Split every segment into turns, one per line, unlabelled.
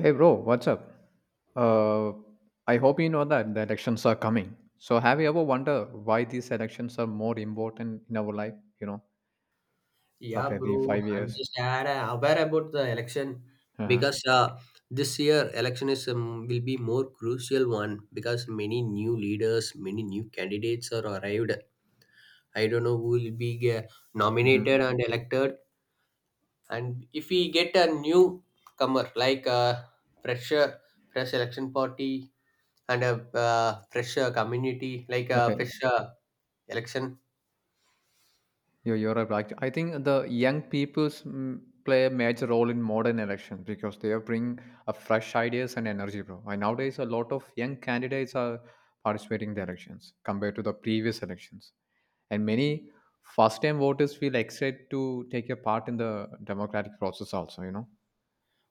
Hey bro, what's up? Uh, I hope you know that the elections are coming. So have you ever wondered why these elections are more important in our life? You know,
Yeah,
after every
bro.
five
I'm
years.
just aware about the election
Uh-huh.
because this year election is will be more crucial one because many new leaders, many new candidates are arrived. I don't know who will be nominated
hmm
and elected, and if we get a new comer like a fresher, fresh election party and a fresh community like a
Okay,
fresh election.
you're right. Like, I think the young people's mm, play a major role in modern elections because they bring a fresh ideas and energy, bro. And nowadays, a lot of young candidates are participating in the elections compared to the previous elections. And many first-time voters feel excited to take a part in the democratic process also, you know.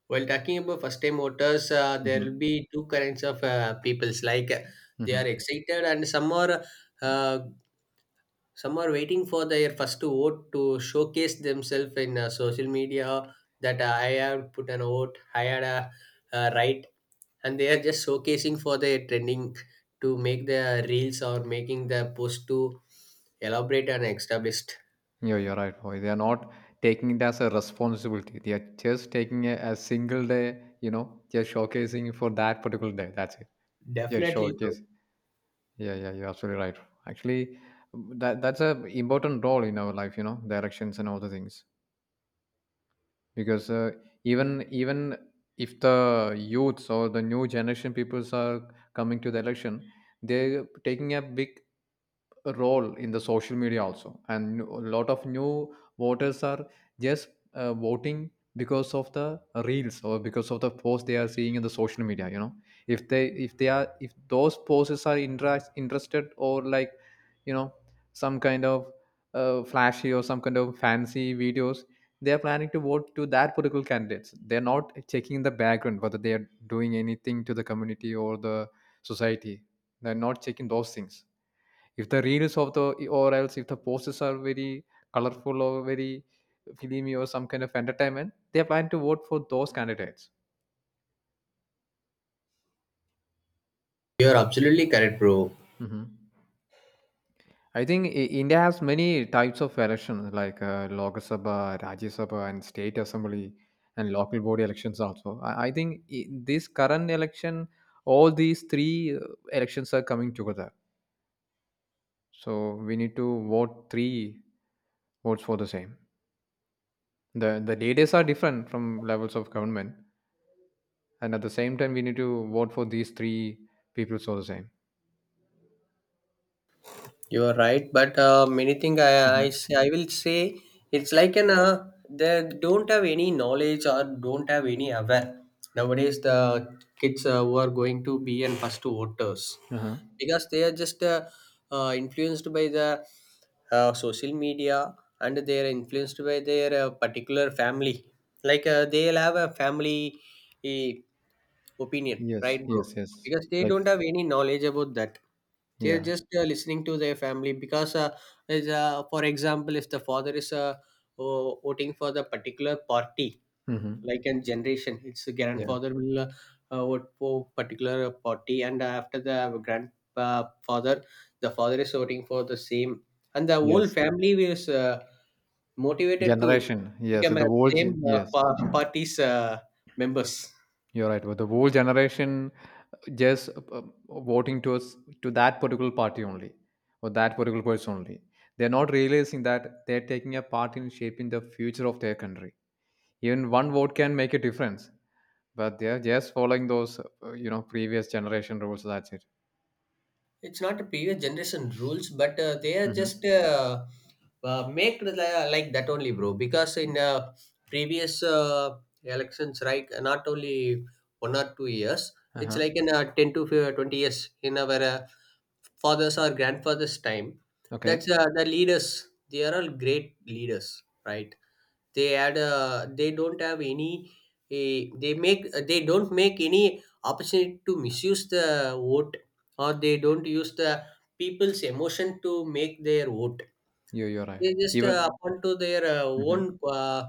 While talking about first time voters, there
hmm
will be two kinds of peoples like they
hmm
are excited and uh, some are waiting for their first vote to showcase themselves in social media that I have put an vote, I had a right, and they are just showcasing for their trending to make the reels or making the post to elaborate and establish.
yeah, you're right, boy. They are not taking it as a responsibility. They are just taking a single day, you know, just showcasing for that particular day, that's it. Yeah,
Definitely, bro.
showcase. Yeah, yeah, you're absolutely right. Actually, that that's a important role in our life, you know, the elections and all the things. Because even if the youths or the new generation peoples are coming to the election, they're taking a big role in the social media also. And no, a lot of new voters are just voting because of the reels or because of the posts they are seeing in the social media, you know. If they if they are if those posts are interested or like, you know, some kind of flashy or some kind of fancy videos, they are planning to vote to that political candidates. They're not checking the background whether they are doing anything to the community or the society. They're not checking those things. If the reels of the or else if the posts are very colorful or very filmy or some kind of entertainment, they are planning to vote for those candidates.
You're absolutely correct, bro.
hmm I think India has many types of elections like Lok Sabha, Rajya Sabha, and state assembly and local body elections also. I think this current election, all these three elections are coming together. So we need to vote 3 votes for the same. The leaders are different from levels of government, and at the same time we need to vote for these 3 people all the same.
You are right, but many thing
hmm
I will say it's like an they don't have any knowledge or don't have any aware. Nowadays, the kids who are going to be and first voters
uh-huh.
because they are just influenced by the social media and they are influenced by their particular family. Like they'll have a family eh, opinion,
Yes.
right, bro?
Yes, yes.
Because they
Like,
don't have any knowledge about that, they're
yeah.
just listening to their family because is, for example if the father is voting for the particular party,
Mm-hmm.
like in generation it's the
Yeah,
grandfather will vote for particular party and after the grandfather the father is voting for the same and the whole
yes,
family is motivated to
generation. Yes,
become a
the
same
yes.
party's members.
You're right, but the whole generation just voting to us, to that particular party only or that particular person only. They're not realizing that they're taking a part in shaping the future of their country. Even one vote can make a difference, but they're just following those you know, previous generation rules, that's it.
It's not a previous generation rules, but they are
Mhm.
just like that only, bro. Because in previous elections, right, not only 1 or 2 years, it's
Uh-huh.
like in 10 to 15 20 years in our fathers or grandfathers' time. That's
Okay.
the leaders. They are all great leaders, right? They had they don't have any they don't make any opportunity to misuse the vote, or they don't use the people's emotion to make their vote.
You're right.
They just
Even.
upon to their
Mhm.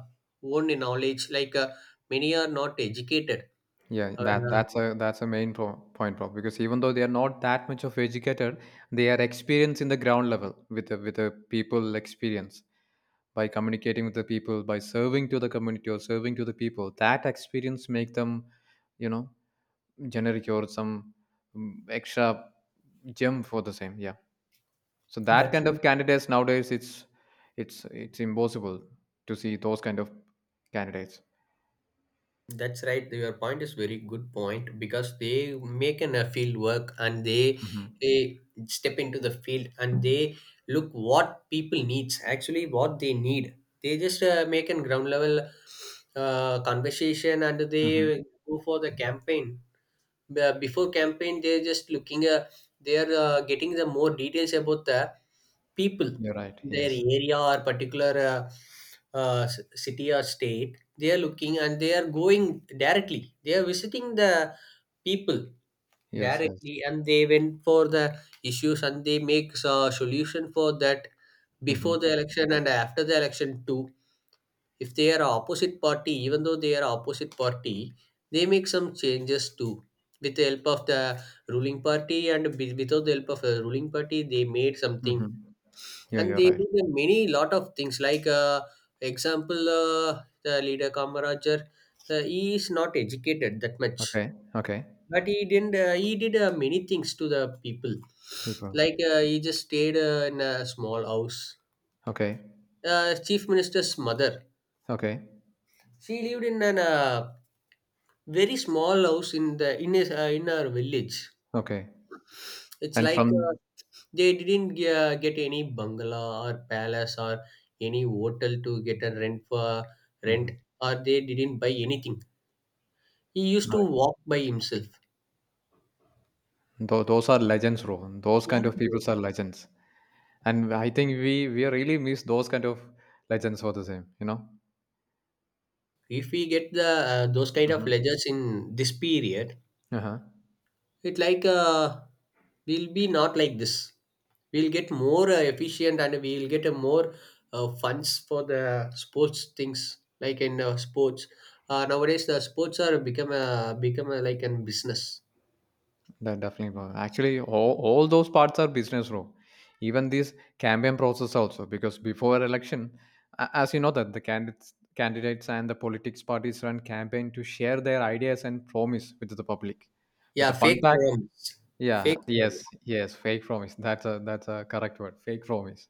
own knowledge. Like many are not educated.
Yeah,
Uh,
that's a main pro point, Prob, because even though they are not that much of educated, they are experienced in the ground level with the people experience by communicating with the people, by serving to the community or serving to the people. That experience make them, you know, generic or some extra gem for the same. Yeah. So that
That's
kind of candidates nowadays, it's impossible to see those kind of candidates.
That's right. Your point is very good point because they make an a field work and they
hmm
they step into the field and they look what people needs actually what they need. They just make a ground level conversation and
hmm
they go for the campaign. Before campaign, they're just looking. They are getting the more details about the people
you're right.
in their
Yes,
area or particular city or state, they are looking and they are going directly, they are visiting the people
yes, yes.
directly and they went for the issues and they make a solution for that before
hmm
the election and after the election too. If they are opposite party, even though they are opposite party, they make some changes too with the help of the ruling party, and without the help of the ruling party they made something,
hmm yeah,
and
you're
they
right.
did a many lot of things like example the leader Kamarajar. He is not educated that much,
Okay, okay,
but he didn't he did many things to the people.
people.
Like he just stayed in a small house.
Okay,
Chief minister's mother,
okay,
she lived in an very small house in in her village.
okay.
It's
And
like
from.
they didn't get any bungalow or palace or any hotel to get a rent for rent,
Mhm.
or they didn't buy anything. He used to
Right.
walk by himself.
Those are legends, bro. Those
Yeah,
kind of people
bro.
are legends. And I think we really miss those kind of legends for the same, you know.
If we get the those kind of
hmm
ledgers in this period,
uh-huh.
it like will be not like this. We'll get more efficient and we'll get a more funds for the sports things like in sports. Nowadays the sports are become a, like an business.
That definitely was. Actually, all those parts are business, row. Even this campaign process also, because before election, as you know that the candidates and the politics parties run campaign to share their ideas and promise with the public. But
Yeah,
the fun
fake
fact,
forums.
yeah,
Fake forums.
yes, yes, fake promise. That's a correct word, fake promise.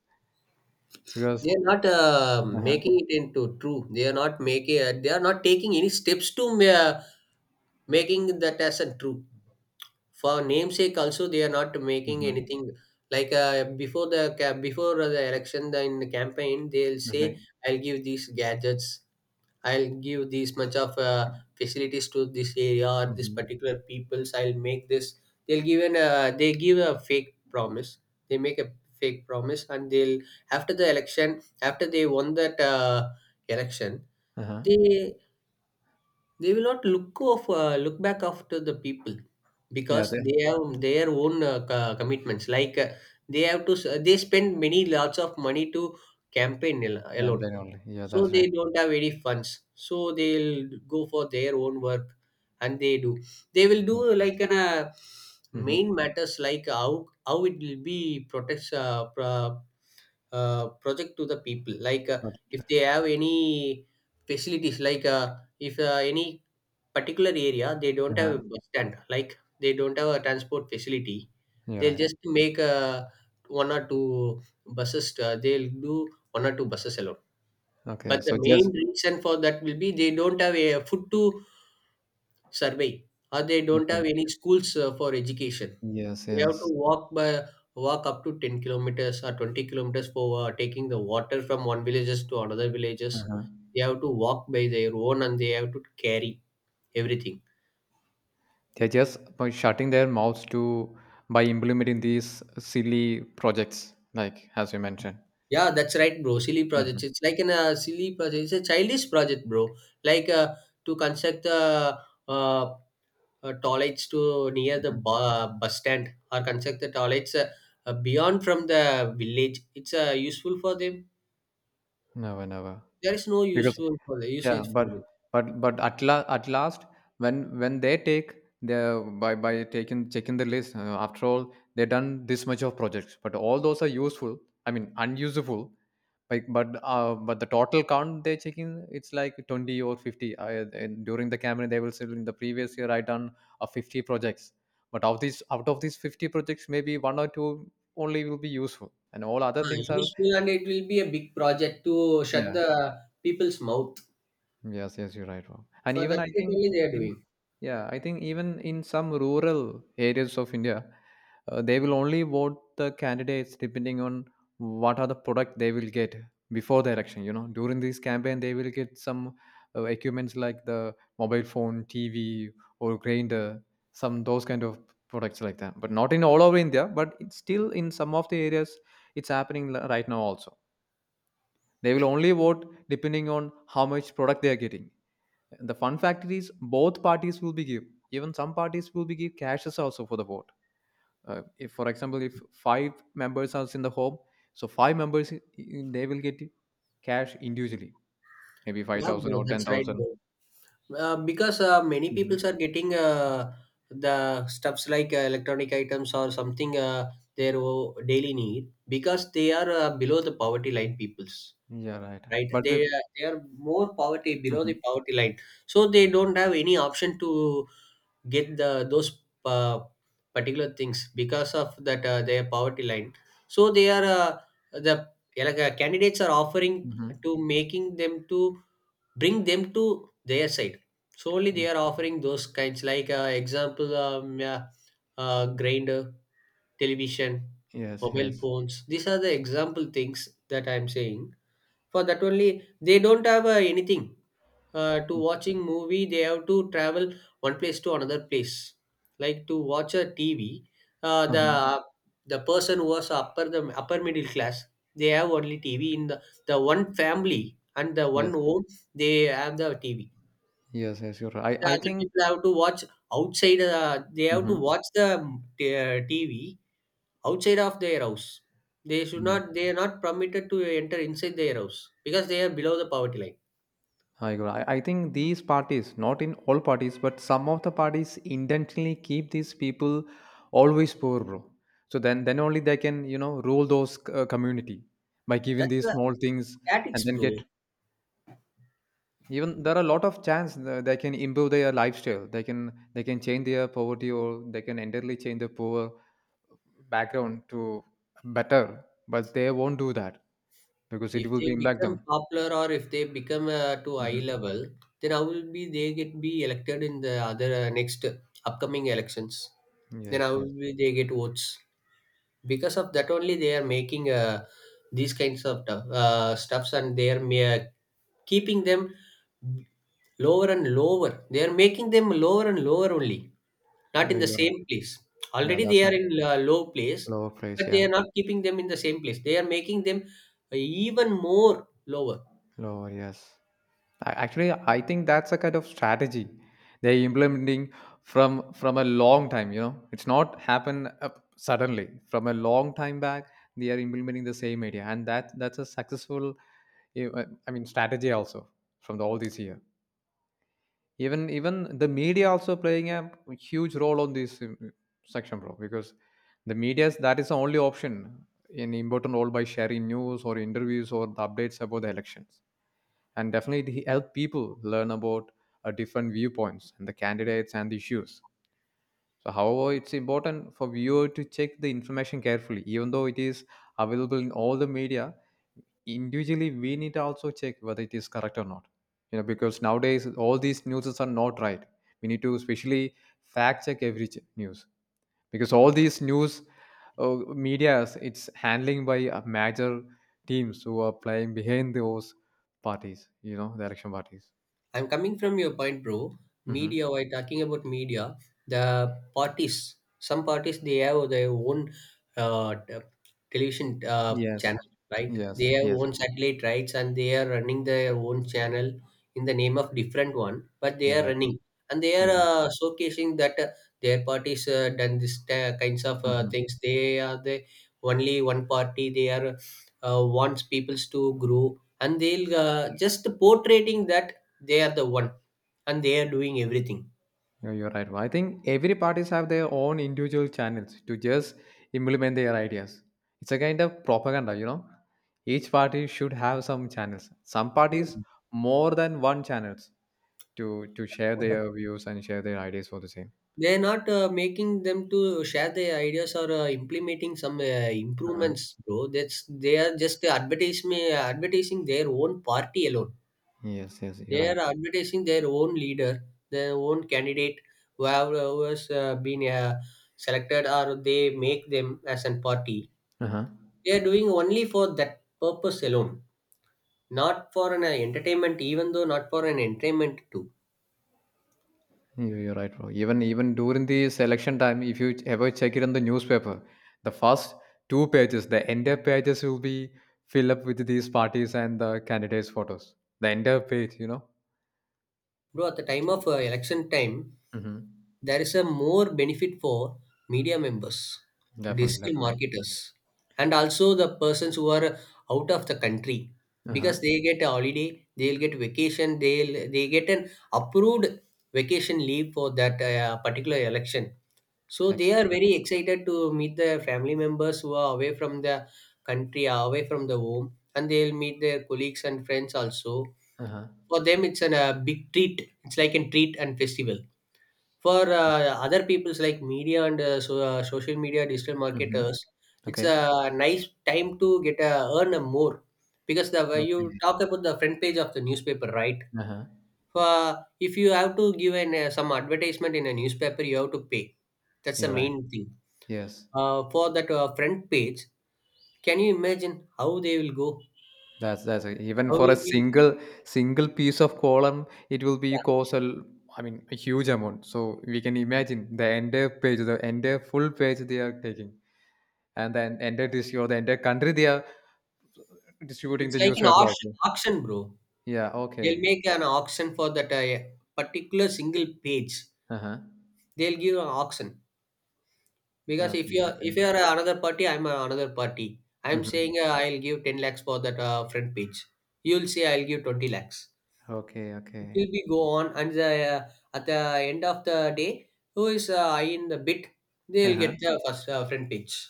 Because.
They are not
Uh-huh.
making it into true. They are not making. They are not taking any steps to making that as a true. For namesake also they are not making
hmm
anything, like before the election the, in the campaign they'll say
okay.
I'll give these gadgets, I'll give this much of facilities to this area or this
hmm
particular peoples, I'll make this. They'll give an they give a fake promise, they make a fake promise, and they'll after the election, after they won that election,
uh-huh.
they will not look of look back after the people
Yeah,
because
the
they have their own commitments. Like they have to they spend many lots of money to campaign alone.
campaign only. Yeah,
So
that's
they
right.
don't have any funds, so they'll go for their own work, and they do they will do
Mm-hmm.
like an
Mm-hmm.
main matters, like how it will be protects project to the people. Like
But.
if they have any facilities, like if any particular area they don't have
Uh-huh,
a bus stand, like they don't have a transport facility,
you're
they'll
right.
just make one or two buses they'll do one or two buses alone,
Okay,
but the
so just
main reason for that will be they don't have a foot to survey, or they don't
okay.
have any schools for education.
Yes,
They have to
yes.
walk by walk up to 10 kilometers or 20 kilometers for taking the water from one villages to another villages.
Uh-huh.
They have to walk by their own and they have to carry everything.
They're just by shutting their mouths to by implementing these silly projects, like as you mentioned.
Yeah, that's right, bro. Silly projects.
Mm-hmm.
It's like an silly project. It's a childish project, bro. Like to construct the uh, toilets to near the bus stand, or construct the toilets beyond from the village. It's useful for them.
Never, never.
There is no
Because
useful for the
yeah,
usage for them.
but but at la at last, when they take the by taking checking the list, after all, they done this much of projects, but all those are useful. I mean, unusable like, but the total count they check in, it's like 20 or 50 I, and during the campaign they will say in the previous year I done a 50 projects. But of these, out of these 50 projects, maybe one or two only will be useful and all other
Ah,
things are
useful, and it will be a big project to shut
yeah.
the people's mouth.
Yes, yes, you're right, Rob. And
For
even
that
I
sake
think
only they are
in,
doing.
yeah, I think even in some rural areas of India, they will only vote the candidates depending on what are the product they will get before the election. You know, during this campaign, they will get some equipments like the mobile phone, TV, or grinder, some those kind of products like that. But not in all over India, but it's still in some of the areas, it's happening right now also. They will only vote depending on how much product they are getting. The fun factor is both parties will be give, even some parties will be give cashes also for the vote. If for example, if 5 members are in the home, so 5 members they will get cash individually, maybe
Yeah,
5,000
bro.
or
That's right,
10,000.
bro. Because many people
Mhm.
are getting the stuffs like electronic items or something, daily need, because they are below the poverty line peoples,
Yeah, right,
right,
but the.
they are more poverty below the
Mhm,
poverty line, so they don't have any option to get the those uh, particular things because of that their poverty line. So they are the like, candidates are offering
mhm.
to making them to bring them to their side, solely they are offering those kinds, like example yeah, grinder, television,
Yes,
mobile
yes.
phones. These are the example things that I'm saying. For that only they don't have anything to watching movie, they have to travel one place to another place, like to watch a TV. The
Mhm.
person who was upper the upper middle class, they have only TV in the one family and the one
Yes,
home, they have the TV,
yes, yes, you're right.
the
I
other
think.
people have to watch outside, they have to
Mhm.
watch the TV outside of their house, they should
Yeah.
not they are not permitted to enter inside their house because they are below the poverty line.
I agree. I think these parties, not in all parties, but some of the parties intentionally keep these people always poor, bro. So then only they can, you know, rule those community by giving
That's
these
the
small things, and
statics,
then
bro.
get even there are a lot of chance they can improve their lifestyle. They can change their poverty or they can entirely change their poor background to better, but they won't do that because it
If
will
they
be impact
become
them.
popular or if they become to eye
hmm
level, then I will be they get be elected in the other next upcoming elections. Then
Yes,
I
yes.
will be they get votes because of that only they are making these kinds of stuffs, and they are keeping them lower and lower, they are making them lower and lower only, not
Yeah,
in the
you're right.
same place.
Yeah,
Already they
that's not
are in low place,
lower place.
but they
Yeah.
are not keeping them in the same place, they are making them uh, even more lower.
Oh, yes. Actually, I think that's a kind of strategy they're implementing from a long time. You know, it's not happen up suddenly. From a long time back, they are implementing the same idea, and that's a successful, I mean, strategy also from the, all this year. Even the media also playing a huge role on this section, bro, because the media's that is the only option in important role by sharing news or interviews or the updates about the elections, and definitely he helped people learn about different viewpoints and the candidates and the issues. So however, it's important for viewer to check the information carefully, even though it is available in all the media. Individually, we need to also check whether it is correct or not, you know, because nowadays all these news are not right. We need to especially fact check every news, because all these news medias, it's handling by major teams who are playing behind those parties, you know, the election parties.
I'm coming from your point, bro.
hmm
Media, while talking about media, the parties, some parties, they have their own uh, t- television
Yes,
channel, right?
yes,
They have
yes.
own satellite rights and they are running their own channel in the name of different one, but they
You're
are
right.
running and they are
You're right.
showcasing that their parties done this kinds of
hmm
things. They are the only one party. They are wants peoples to grow and they'll just portraying that they are the one and they are doing everything.
you're right. I think every parties have their own individual channels to just implement their ideas. It's a kind of propaganda, you know. Each party should have some channels. Some
Yeah.
parties more than one channels to share their views and share their ideas for the same.
They're not making them to share their ideas or implementing some
Uh-huh.
improvements, bro. That's They are just advertising their own party alone.
Yes, yes. You're
They
right.
are advertising their own leader, their own candidate who have who has been selected, or they make them as a party.
Uh-huh.
They are doing only for that purpose alone, not for an entertainment. Even though, not for an entertainment too.
You're right, bro. Even during the selection time, if you ever check it on the newspaper, the first two pages, the entire pages will be filled up with these parties and the candidates' photos. The entire page, you know.
Bro, at the time
So.
of election time,
Mm-hmm.
there is a more benefit for media members,
Definitely,
digital
definitely.
marketers, and also the persons who are out of the country,
Uh huh.
because they get a holiday, they'll get vacation, they get an approved vacation leave for that particular election. So they are
Exposure.
very excited to meet their family members who are away from the country, away from the home, and they'll meet their colleagues and friends also.
Uh huh.
For them, it's a big treat, it's like a treat and festival for other people's like media, and social media, digital
Mm-hmm.
marketers. It's
Okay.
a nice time to earn a more, because the you
Okay.
talk about the front page of the newspaper, right?
Uh huh.
For if you have to give an some advertisement in a newspaper, you have to pay. That's the
You're right.
main thing.
Yes.
For that front page, can you imagine how they will go,
That's even
how
for a
will be?
single single piece of column, it will be
Yeah.
cost I mean a huge amount. So we can imagine the entire page, the entire full page they are taking, and then entire district or the entire country they are distributing
It's
the
like an
newspaper
auction
also.
auction bro.
Yeah.
They'll
Okay.
make an auction for that particular single page.
Uh huh.
They'll give an auction, because if
Okay. Okay.
you're another party. I'm
Mm-hmm.
saying, I'll give 10 lakhs for that front page. You'll say, I'll give 20 lakhs.
Okay.
It
Okay.
will be go on, and at the end of the day, who is high in the bid,
Uh
they'll
huh.
get the first front page.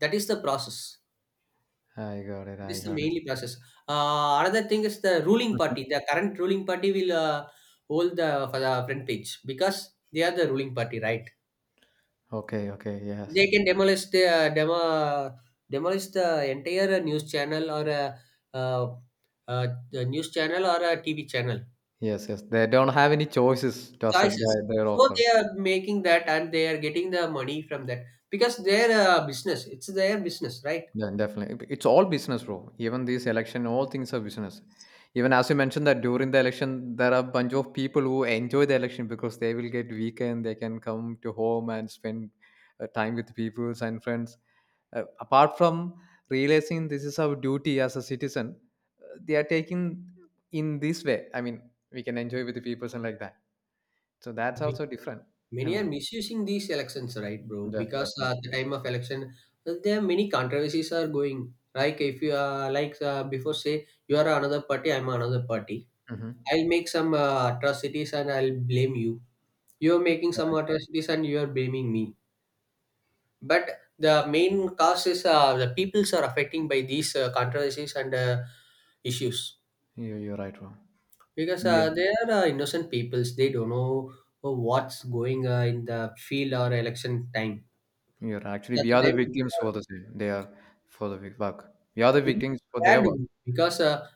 That is the process.
I got it.
It
I
is the
got it.
mainly process. Another thing is the ruling
Mhm.
party. The current ruling party will hold for the front page, because they are the ruling party, right?
Okay. Okay. Yes.
They can demolish the demolish the entire news channel, or a uh, the news channel or a TV channel.
Yes. Yes. They don't have any choices to accept
Choices.
their
So
offer.
they are making that, and they are getting the money from that, because their business. It's their business, right?
Yeah, definitely. It's all business, bro. Even this election, all things are business. Even as you mentioned that during the election, there are a bunch of people who enjoy the election because they will get weekend. They can come to home and spend time with peoples and friends. Apart from realizing this is our duty as a citizen, they are taking in this way. I mean, we can enjoy with the peoples and like that. So that's also different. I
Many are
mean,
misusing these elections, right, bro?
definitely.
Because
Definitely.
at the time of election, there are many controversies are going. Like, if you are like, before, say you are another party, I'm another party.
Hmm.
I'll make some atrocities and I'll blame you. You're making
You're
some
right.
atrocities, and you are blaming me. But the main cause is, the peoples are affecting by these controversies and issues,
You're right, bro.
because they are innocent peoples. They don't know what's going in the field, or election time.
You're right. Actually,
At
we
the
are the
time, we
victims
are
for the same. They are work. We are the
really
victims for their
scared,
work.
because uh,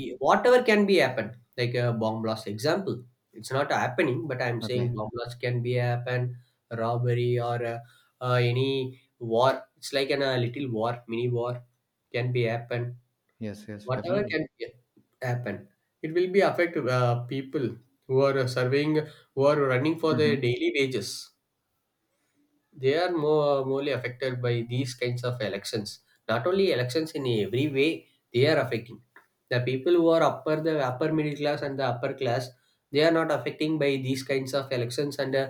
e- whatever can be happen, like a bomb blast, example. It's not happening, but I'm saying
Okay.
bomb blast can be happen. Robbery, or any war. It's like an, a little war, mini war can be happen.
Yes. Yes.
Whatever
Definitely.
can be happen, it will be affect people who are surveying, who are running for
Hmm.
their daily wages. They are more morely affected by these kinds of elections, not only elections, in every way they are affecting. The people who are upper middle class and the upper class, they are not affecting by these kinds of elections, and uh,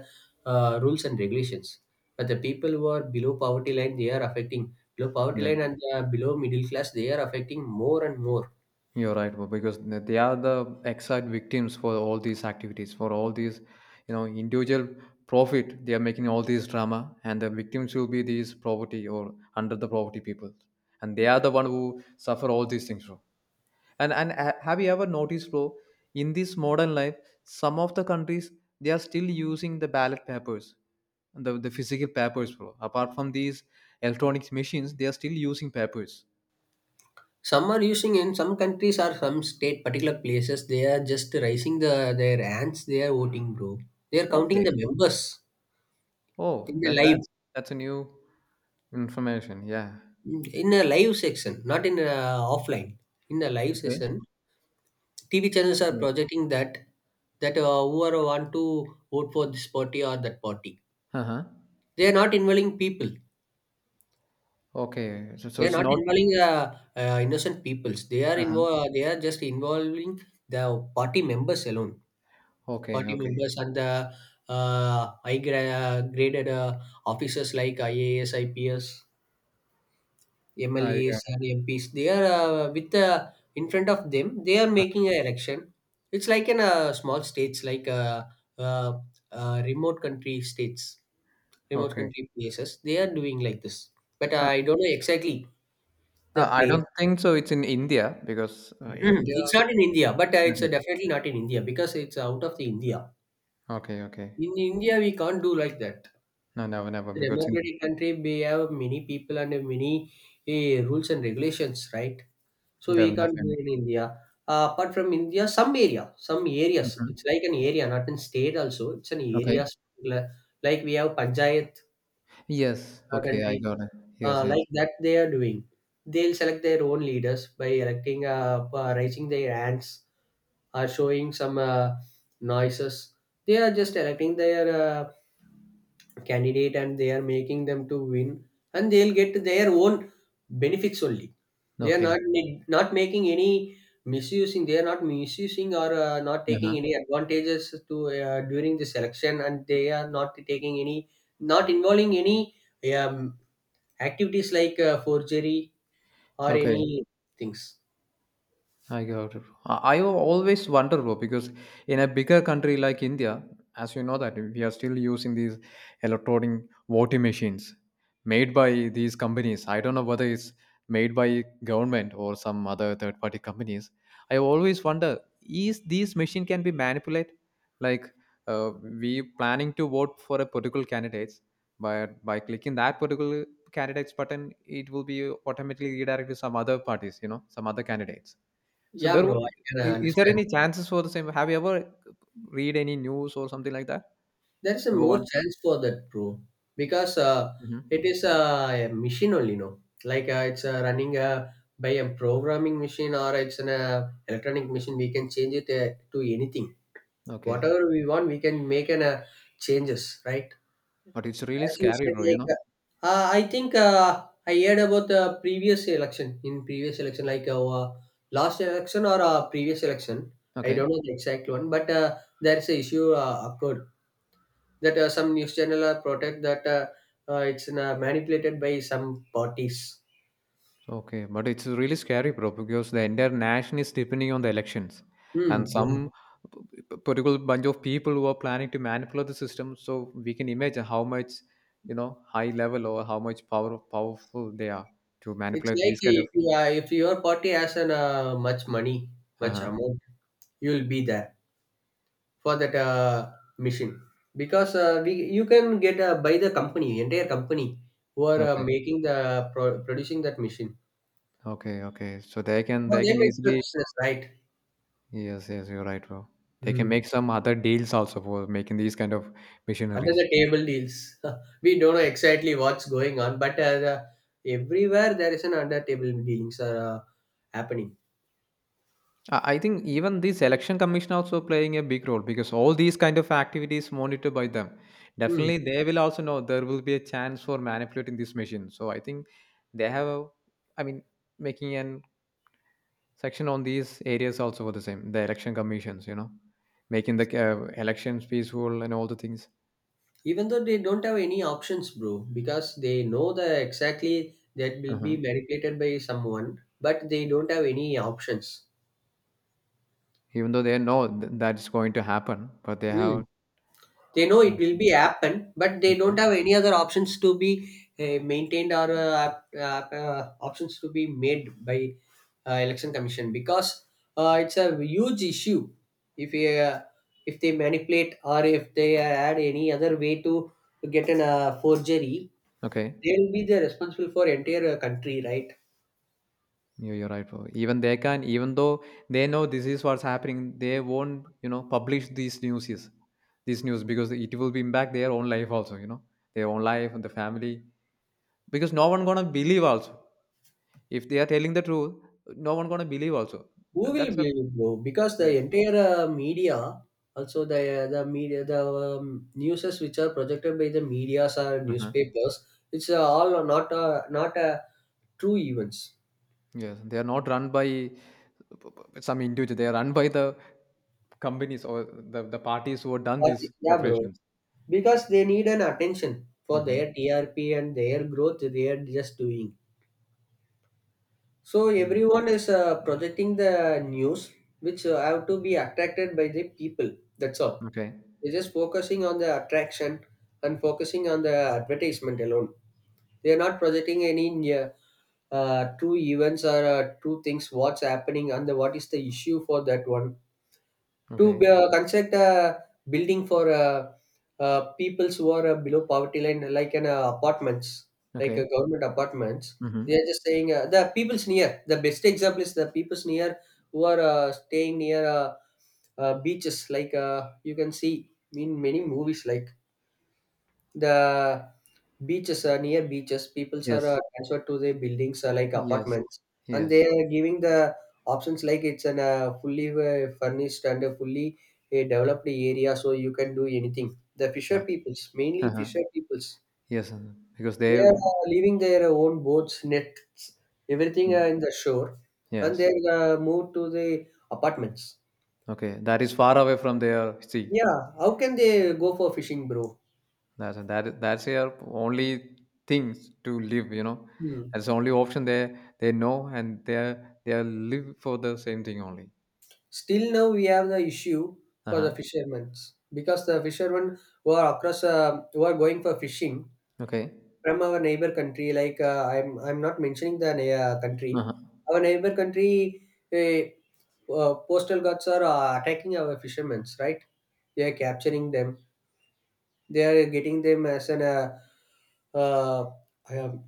uh, rules and regulations. But the people who are below poverty line, they are affecting below poverty
Yeah.
line, and below middle class, they are affecting more and more.
You're right, bro, because they are the exact victims for all these activities, for all these, individual profit. They are making all these drama, and the victims will be these poverty or under the poverty people, and they are the one who suffer all these things, bro. Have you ever noticed, bro, in this modern life, some of the countries, they are still using the ballot papers, the physical papers, bro, apart from these electronic machines. They are still using papers.
Some are using in some countries, or some state, particular places, they are just raising the their hands, they are voting, bro. They are counting
Okay.
the members.
Oh,
In the live,
that's a new information. Yeah.
in a live section, not in a offline. In a live
Okay.
session, TV channels are
Okay.
projecting that, that whoever want to vote for this party or that party.
Uh-huh.
They are not involving people.
Okay. So
They are
it's
not
not
involving innocent peoples. They are
uh-huh.
involved. They are just involving the party members alone.
Okay.
Party
Okay.
members, and the uh, high graded officers like IAS, IPS,
I got
MLAs and
it.
MPs, they are with in front of them. They are making an election. It's like in small states, like uh, remote country states,
Uh-huh.
remote
Okay.
country places. They are doing like this, but
uh,
I don't know exactly the
I
place.
don't think so it's in India because
Mhm.
India.
It's not in India, but it's
Okay.
definitely not in India, because it's out of the India.
Okay. Okay.
In India, we can't do like that.
No, never, never,
It's a
because
democratic country. We have many people and many rules and regulations, right? So
def
we can't do
definitely.
it in India. Apart from India, some areas, it's
Mhm.
like an area, not in state also. It's an
Okay.
area, li- like we have Panchayat
Yes. Okay, I
country,
got it. Yes, yes.
like that they are doing. They'll select their own leaders by electing, raising their hands, or showing some noises. They are just electing their candidate, and they are making them to win, and they'll get their own benefits only. They are
Okay.
not making any misusing. They are not misusing, or not taking
Uh-huh.
any advantages to during the selection, and they are not taking any, not involving any um, activities like forgery, or any
Okay.
things.
I got it. I always wonder, bro, because in a bigger country like India, as you know that we are still using these electronic voting machines made by these companies. I don't know whether it's made by government or some other third-party companies. I always wonder, is these machine can be manipulated? Like uh, we planning to vote for a particular candidates, but by clicking that particular candidates button, it will be automatically redirected to some other parties, you know, some other candidates. So
Yeah,
there w
bro, I can
I Is there
understand.
any chances for the same? Have you ever read any news or something like that?
There is a
Number
more
one.
chance for that, bro, because it
Mhm.
is a machine only, no? Like, it's running by a programming machine, or it's an electronic machine. We can change it to anything.
Okay.
Whatever we want, we can make an changes, right?
But it's really
As you
scary,
said,
bro, you
like
know?
I think I heard about the previous election. In previous election, like last election, or previous election, I
Okay.
don't know the exact one, but there is a issue occurred that some news channel are protect that it's manipulated by some parties.
Okay. But it's really scary, bro, because the entire nation is depending on the elections.
Hmm.
And
Yeah.
some p- particular bunch of people who are planning to manipulate the system. So we can imagine how much, you know, high level or how much power powerful they are to
It's
manipulate
like,
these kind of
if, if your party has an much money, much
uh-huh.
amount, you will be there for that mission, because we you can get by the company, entire company who are uh,
Okay.
making the pro- producing that machine.
Okay. Okay. So
For
they
them,
can
it's a
easily
business, right?
yes, yes, you're right, bro. They can
Hmm.
make some other deals also for making these kind of
Under
missionaries.
the table deals. We don't know exactly what's going on, but everywhere there is an under table dealings are happening.
I think even this election commission also playing a big role because all these kind of activities monitored by them.
Hmm.
Definitely, they will also know there will be a chance for manipulating this machine. So I think they have, a, I mean, making an section on these areas also for the same. The election commissions, you know, making the elections peaceful and all the things.
Even though they don't have any options, bro, because they know the exactly that will be
Mhm.
manipulated by someone, but they don't have any options.
Even though they know that's going to happen, but they
Hmm.
have.
They know it will
Okay.
be happen, but they
Okay.
don't have any other options to be maintained, or uh, options to be made by election commission, because it's a huge issue. If uh, if they manipulate, or if they add any other way to get an forgery,
Okay.
they will be the responsible for entire country, right?
You're right, bro. Even they can, even though they know this is what's happening, they won't, you know, publish these news, these news because it will be impact their own life also, you know, their own life and the family. Because no one gonna believe also. If they are telling the truth, no one gonna believe also.
Who will
That's a
believe it, bro? Because
yeah.
the entire media, also the media, the newses which are projected by the medias or
Uh.
newspapers, it's all not true events.
Yes, they are not run by some individual. They are run by the companies or the parties who have done
But,
these
yeah, bro.
operations.
Because they need an attention for their
Mm-hmm.
TRP and their growth, they are just doing. So everyone is projecting the news which have to be attracted by the people. That's all.
Okay.
They're just focusing on the attraction, and focusing on the advertisement alone. They are not projecting any true events, or true things. What's happening, and what is the issue for that one? To
Okay.
construct a building for peoples who are below poverty line, like an apartments, like
Okay.
government apartments.
Mm-hmm.
They are just saying, the people's near. The best example is the people's near who are staying near beaches, like, you can see in many movies, like the beaches near beaches. People are
Yes.
transferred to the buildings, like
Yes,
apartments, and
yes,
they are giving the options, like it's an fully furnished and a fully developed area, so you can do anything. The fisher
yeah,
peoples, mainly
uh-huh.
fisher peoples,
Yes, uh-huh. Because
they are
they,
leaving their own boats, nets, everything in the shore, and
yes,
they move to the apartments.
okay, that is far away from their sea.
Yeah, how can they go for fishing, bro?
That's their only things to live. You know,
Hmm.
that's the only option they know, and they are live for the same thing only.
Still now we have the issue
Uh
for the
huh.
fishermen, because the fishermen who are across who are going for fishing
Okay.
from our neighbor country, like, I'm not mentioning the
Uh
country,
huh.
our neighbor country, uh, postal guards are attacking our fishermen, right? They are capturing them, they are getting them as an uh, um,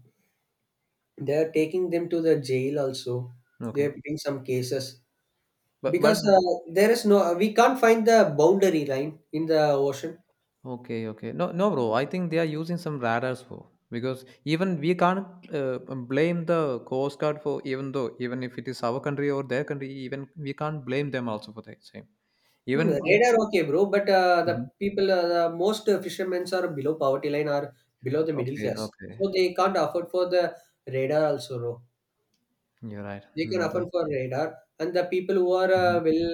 they are taking them to the jail also, they
Okay.
are putting some cases. Because
But
there is no, we can't find the boundary line in the ocean.
okay, okay. No, no, bro. I think they are using some radars for because even we can't uh, blame the Coast Guard for even though even if it is our country or their country, even we can't blame them also for the same.
Hmm, the
Even if
radar, okay, bro, but
mhm.
the most fishermen are below poverty line, or below the middle
Okay,
class.
okay,
So they can't afford for the radar also, bro.
you're right.
They can
Mm,
afford for radar. And the people who are
mhm.
well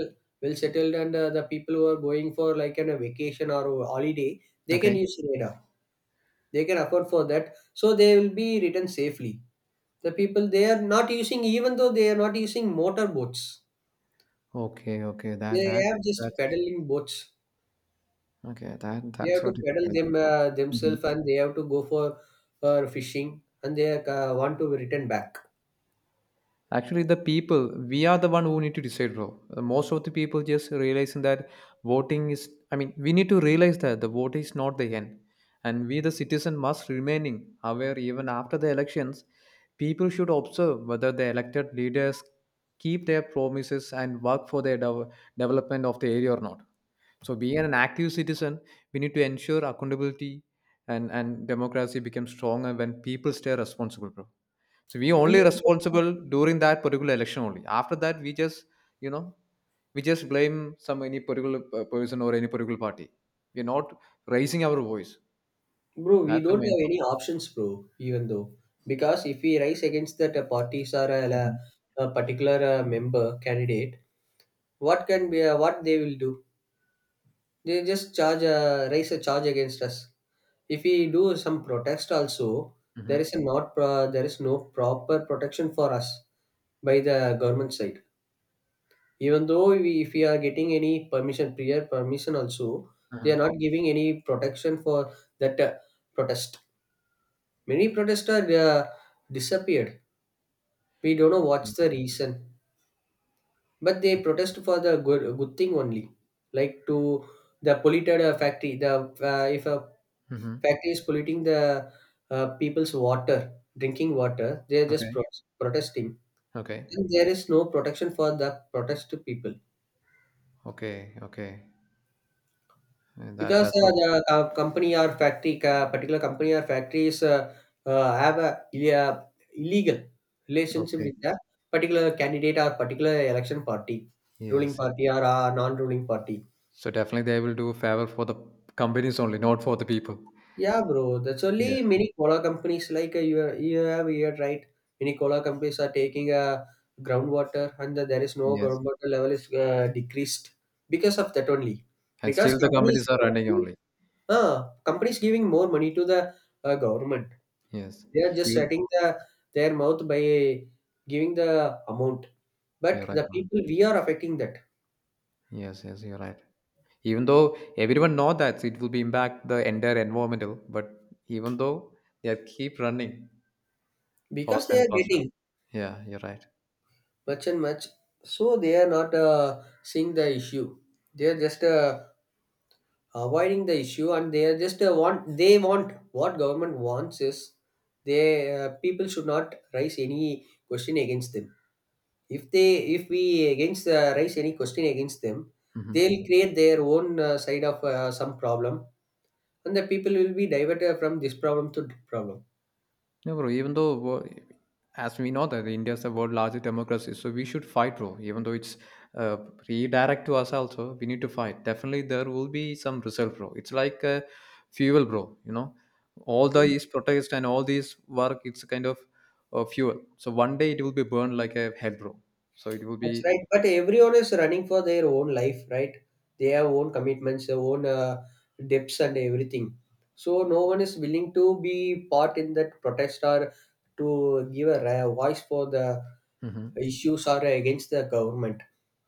settled and the people who are going for like a vacation or a holiday, they can
Okay,
use radar. They can afford for that. So they will be returned safely. The people, they are not using, even though they are not using motor boats.
okay, okay.
They have just
That's
paddling boats.
okay.
They
That's
have
so
to paddle
difficult.
them themselves, and they have to go for fishing, and they want to return back.
Actually, the people, we are the one who need to decide, bro. Most of the people just realizing that voting is, I mean, we need to realize that the vote is not the end. And we, the citizen, must remaining aware even after the elections. People should observe whether the elected leaders keep their promises and work for their development of the area or not. So, being an active citizen, we need to ensure accountability and democracy becomes stronger when people stay responsible, bro. So we only
We,
responsible during that particular election only. After that, we just you know we just blame some any particular person or any particular party. We're not raising our voice.
bro, we
That's the
don't
main
have
problem.
any options, bro. Even though, because if we rise against that parties or
Hmm.
a particular member candidate, what can be what they will do? They just charge raise a charge against us. If we do some protest, also there is
Hmm.
a not pro- there is no proper protection for us by the government side, even though we, if we are getting any permission, prior permission also, they
Uh-huh.
are not giving any protection for that protest. Many protesters disappeared. We don't know what's the reason, but they protest for the good thing only, like to the polluted factory. The if a
Hmm.
factory is polluting the people's water, drinking water, they are just
Okay.
protesting,
Okay.
and there is no protection for the protest people.
Okay. Okay. And
Because
that's what.
the company or factory, particular company or factories have a uh, illegal relationship
Okay.
with the particular candidate or particular election party, ruling
Yes.
party or non-ruling party.
So definitely they will do a favor for the companies only, not for the people.
Yeah, bro. That's only
Yes.
many cola companies like you have heard, right? Many cola companies are taking groundwater, and the, there is no
Yes.
groundwater level is decreased because of that only.
And
Because
still the
companies,
companies are running only.
companies giving more money to the government.
Yes.
They are just
Even
shutting the their mouth by giving the amount. But
you're right,
the
ma'am.
people we are affecting that,
Yes. Yes. You're right. Even though everyone know that it will be impact the entire environmental, but even though they are keep running
because
faster
they
and
are
faster.
getting
Yeah, you're right.
much and much, so they are not seeing the issue. They are just avoiding the issue, and they are just want they want what government wants is they people should not raise any question against them. If they if we against raise any question against them, they'll
Hmm.
create their own side of some problem, and the people will be diverted from this problem to that problem.
No, bro, even though as we know that India is the world largest democracy, so we should fight, bro, even though it's uh, redirect to us also, we need to fight. Definitely there will be some result, bro. It's like fuel, bro, you know, all
Mm.
these protests and all these work, it's a kind of fuel, so one day it will be burned like a hell, bro. So it will
That's
be
right. But everyone is running for their own life, right? They have own commitments, their own debts, and everything. So no one is willing to be part in that protest or to give voice for the
mhm.
issues or against the government.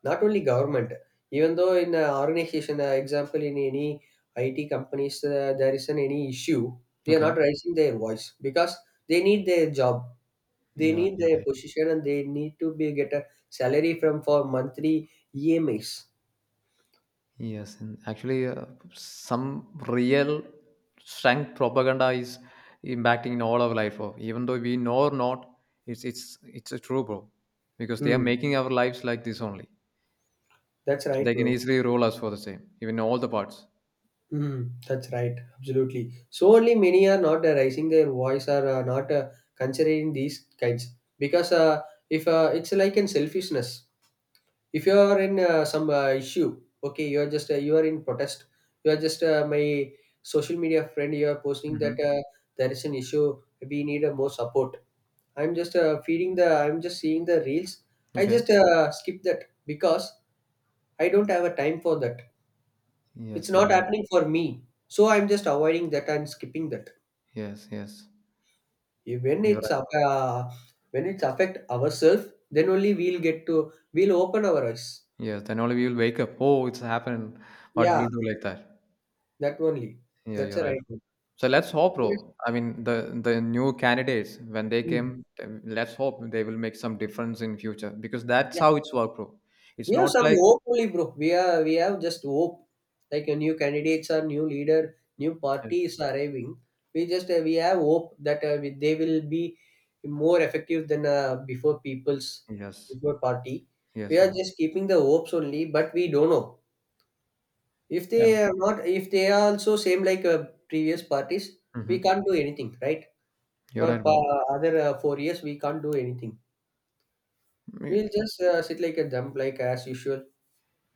Not only government, even though in an organization, example in any IT companies, there isn't any issue. They are
Okay,
not raising their voice because they need their job. They need
you're
their
right.
position and they need to be get a salary from for monthly EMIs.
Yes, and actually, some real strength propaganda is impacting in all our life. Of even though we know or not, it's a true, bro, because they are
Hmm.
making our lives like this only.
That's
So
right,
they can
bro.
easily rule us for the same, even all the parts.
Hmm. That's right. Absolutely. So only many are not raising their voice or not considering these kinds, because if it's like in selfishness. If you are in some issue, okay, you are just you are in protest. You are just my social media friend. You are posting
Hmm.
that there is an issue. We need more support. I'm just feeding the. I'm just seeing the reels. I
Okay.
just skip that because I don't have a time for that. It's
Yes, you're
not
right.
happening for me, so I'm just avoiding that and skipping that.
Yes, yes,
Yeah,
you're right.
when it's affect ourselves, then only we'll get to we'll open our eyes.
Yes, then only we will wake up. Oh, it's happened. What will
Yeah,
do like that?
that only.
Yeah,
That's
you're
a
right.
right one.
So let's hope,
Yes.
bro. I mean, the new candidates when they
Mm.
came, then let's hope they will make some difference in future because that's how it's work, bro. It's
We have
not
some
like
hope only, bro. We have just hope. Like a new candidates or new leader, new parties are arriving. We just we have hope that they will be more effective than before people's
yes,
before party.
yes,
We are
bro.
just keeping the hopes only, but we don't know if they
Yeah.
are not if they are also same like previous parties. We
Hmm.
can't do anything, right?
You're
For
right,
pa- other 4 years, we can't do anything.
bro.
We'll just sit like a dump, like as usual,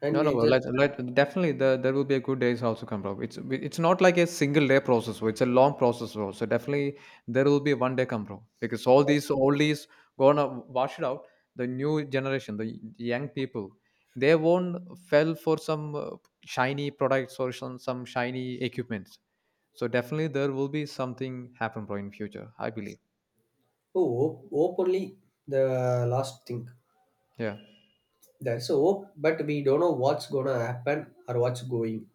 and
No, no,
we just
like definitely there will be a good days also come up. It's not like a single day process, bro. It's a long process, bro. So definitely there will be one day come, bro. Because all
uh,
these oldies gonna wash it out. The new generation, the young people, they won't fell for some shiny products or some shiny equipments. So definitely there will be something happen, bro, in future. I believe.
Oh, hope, hope only, the last thing
Yeah.
there. So hope, but we don't know what's gonna happen or what's going.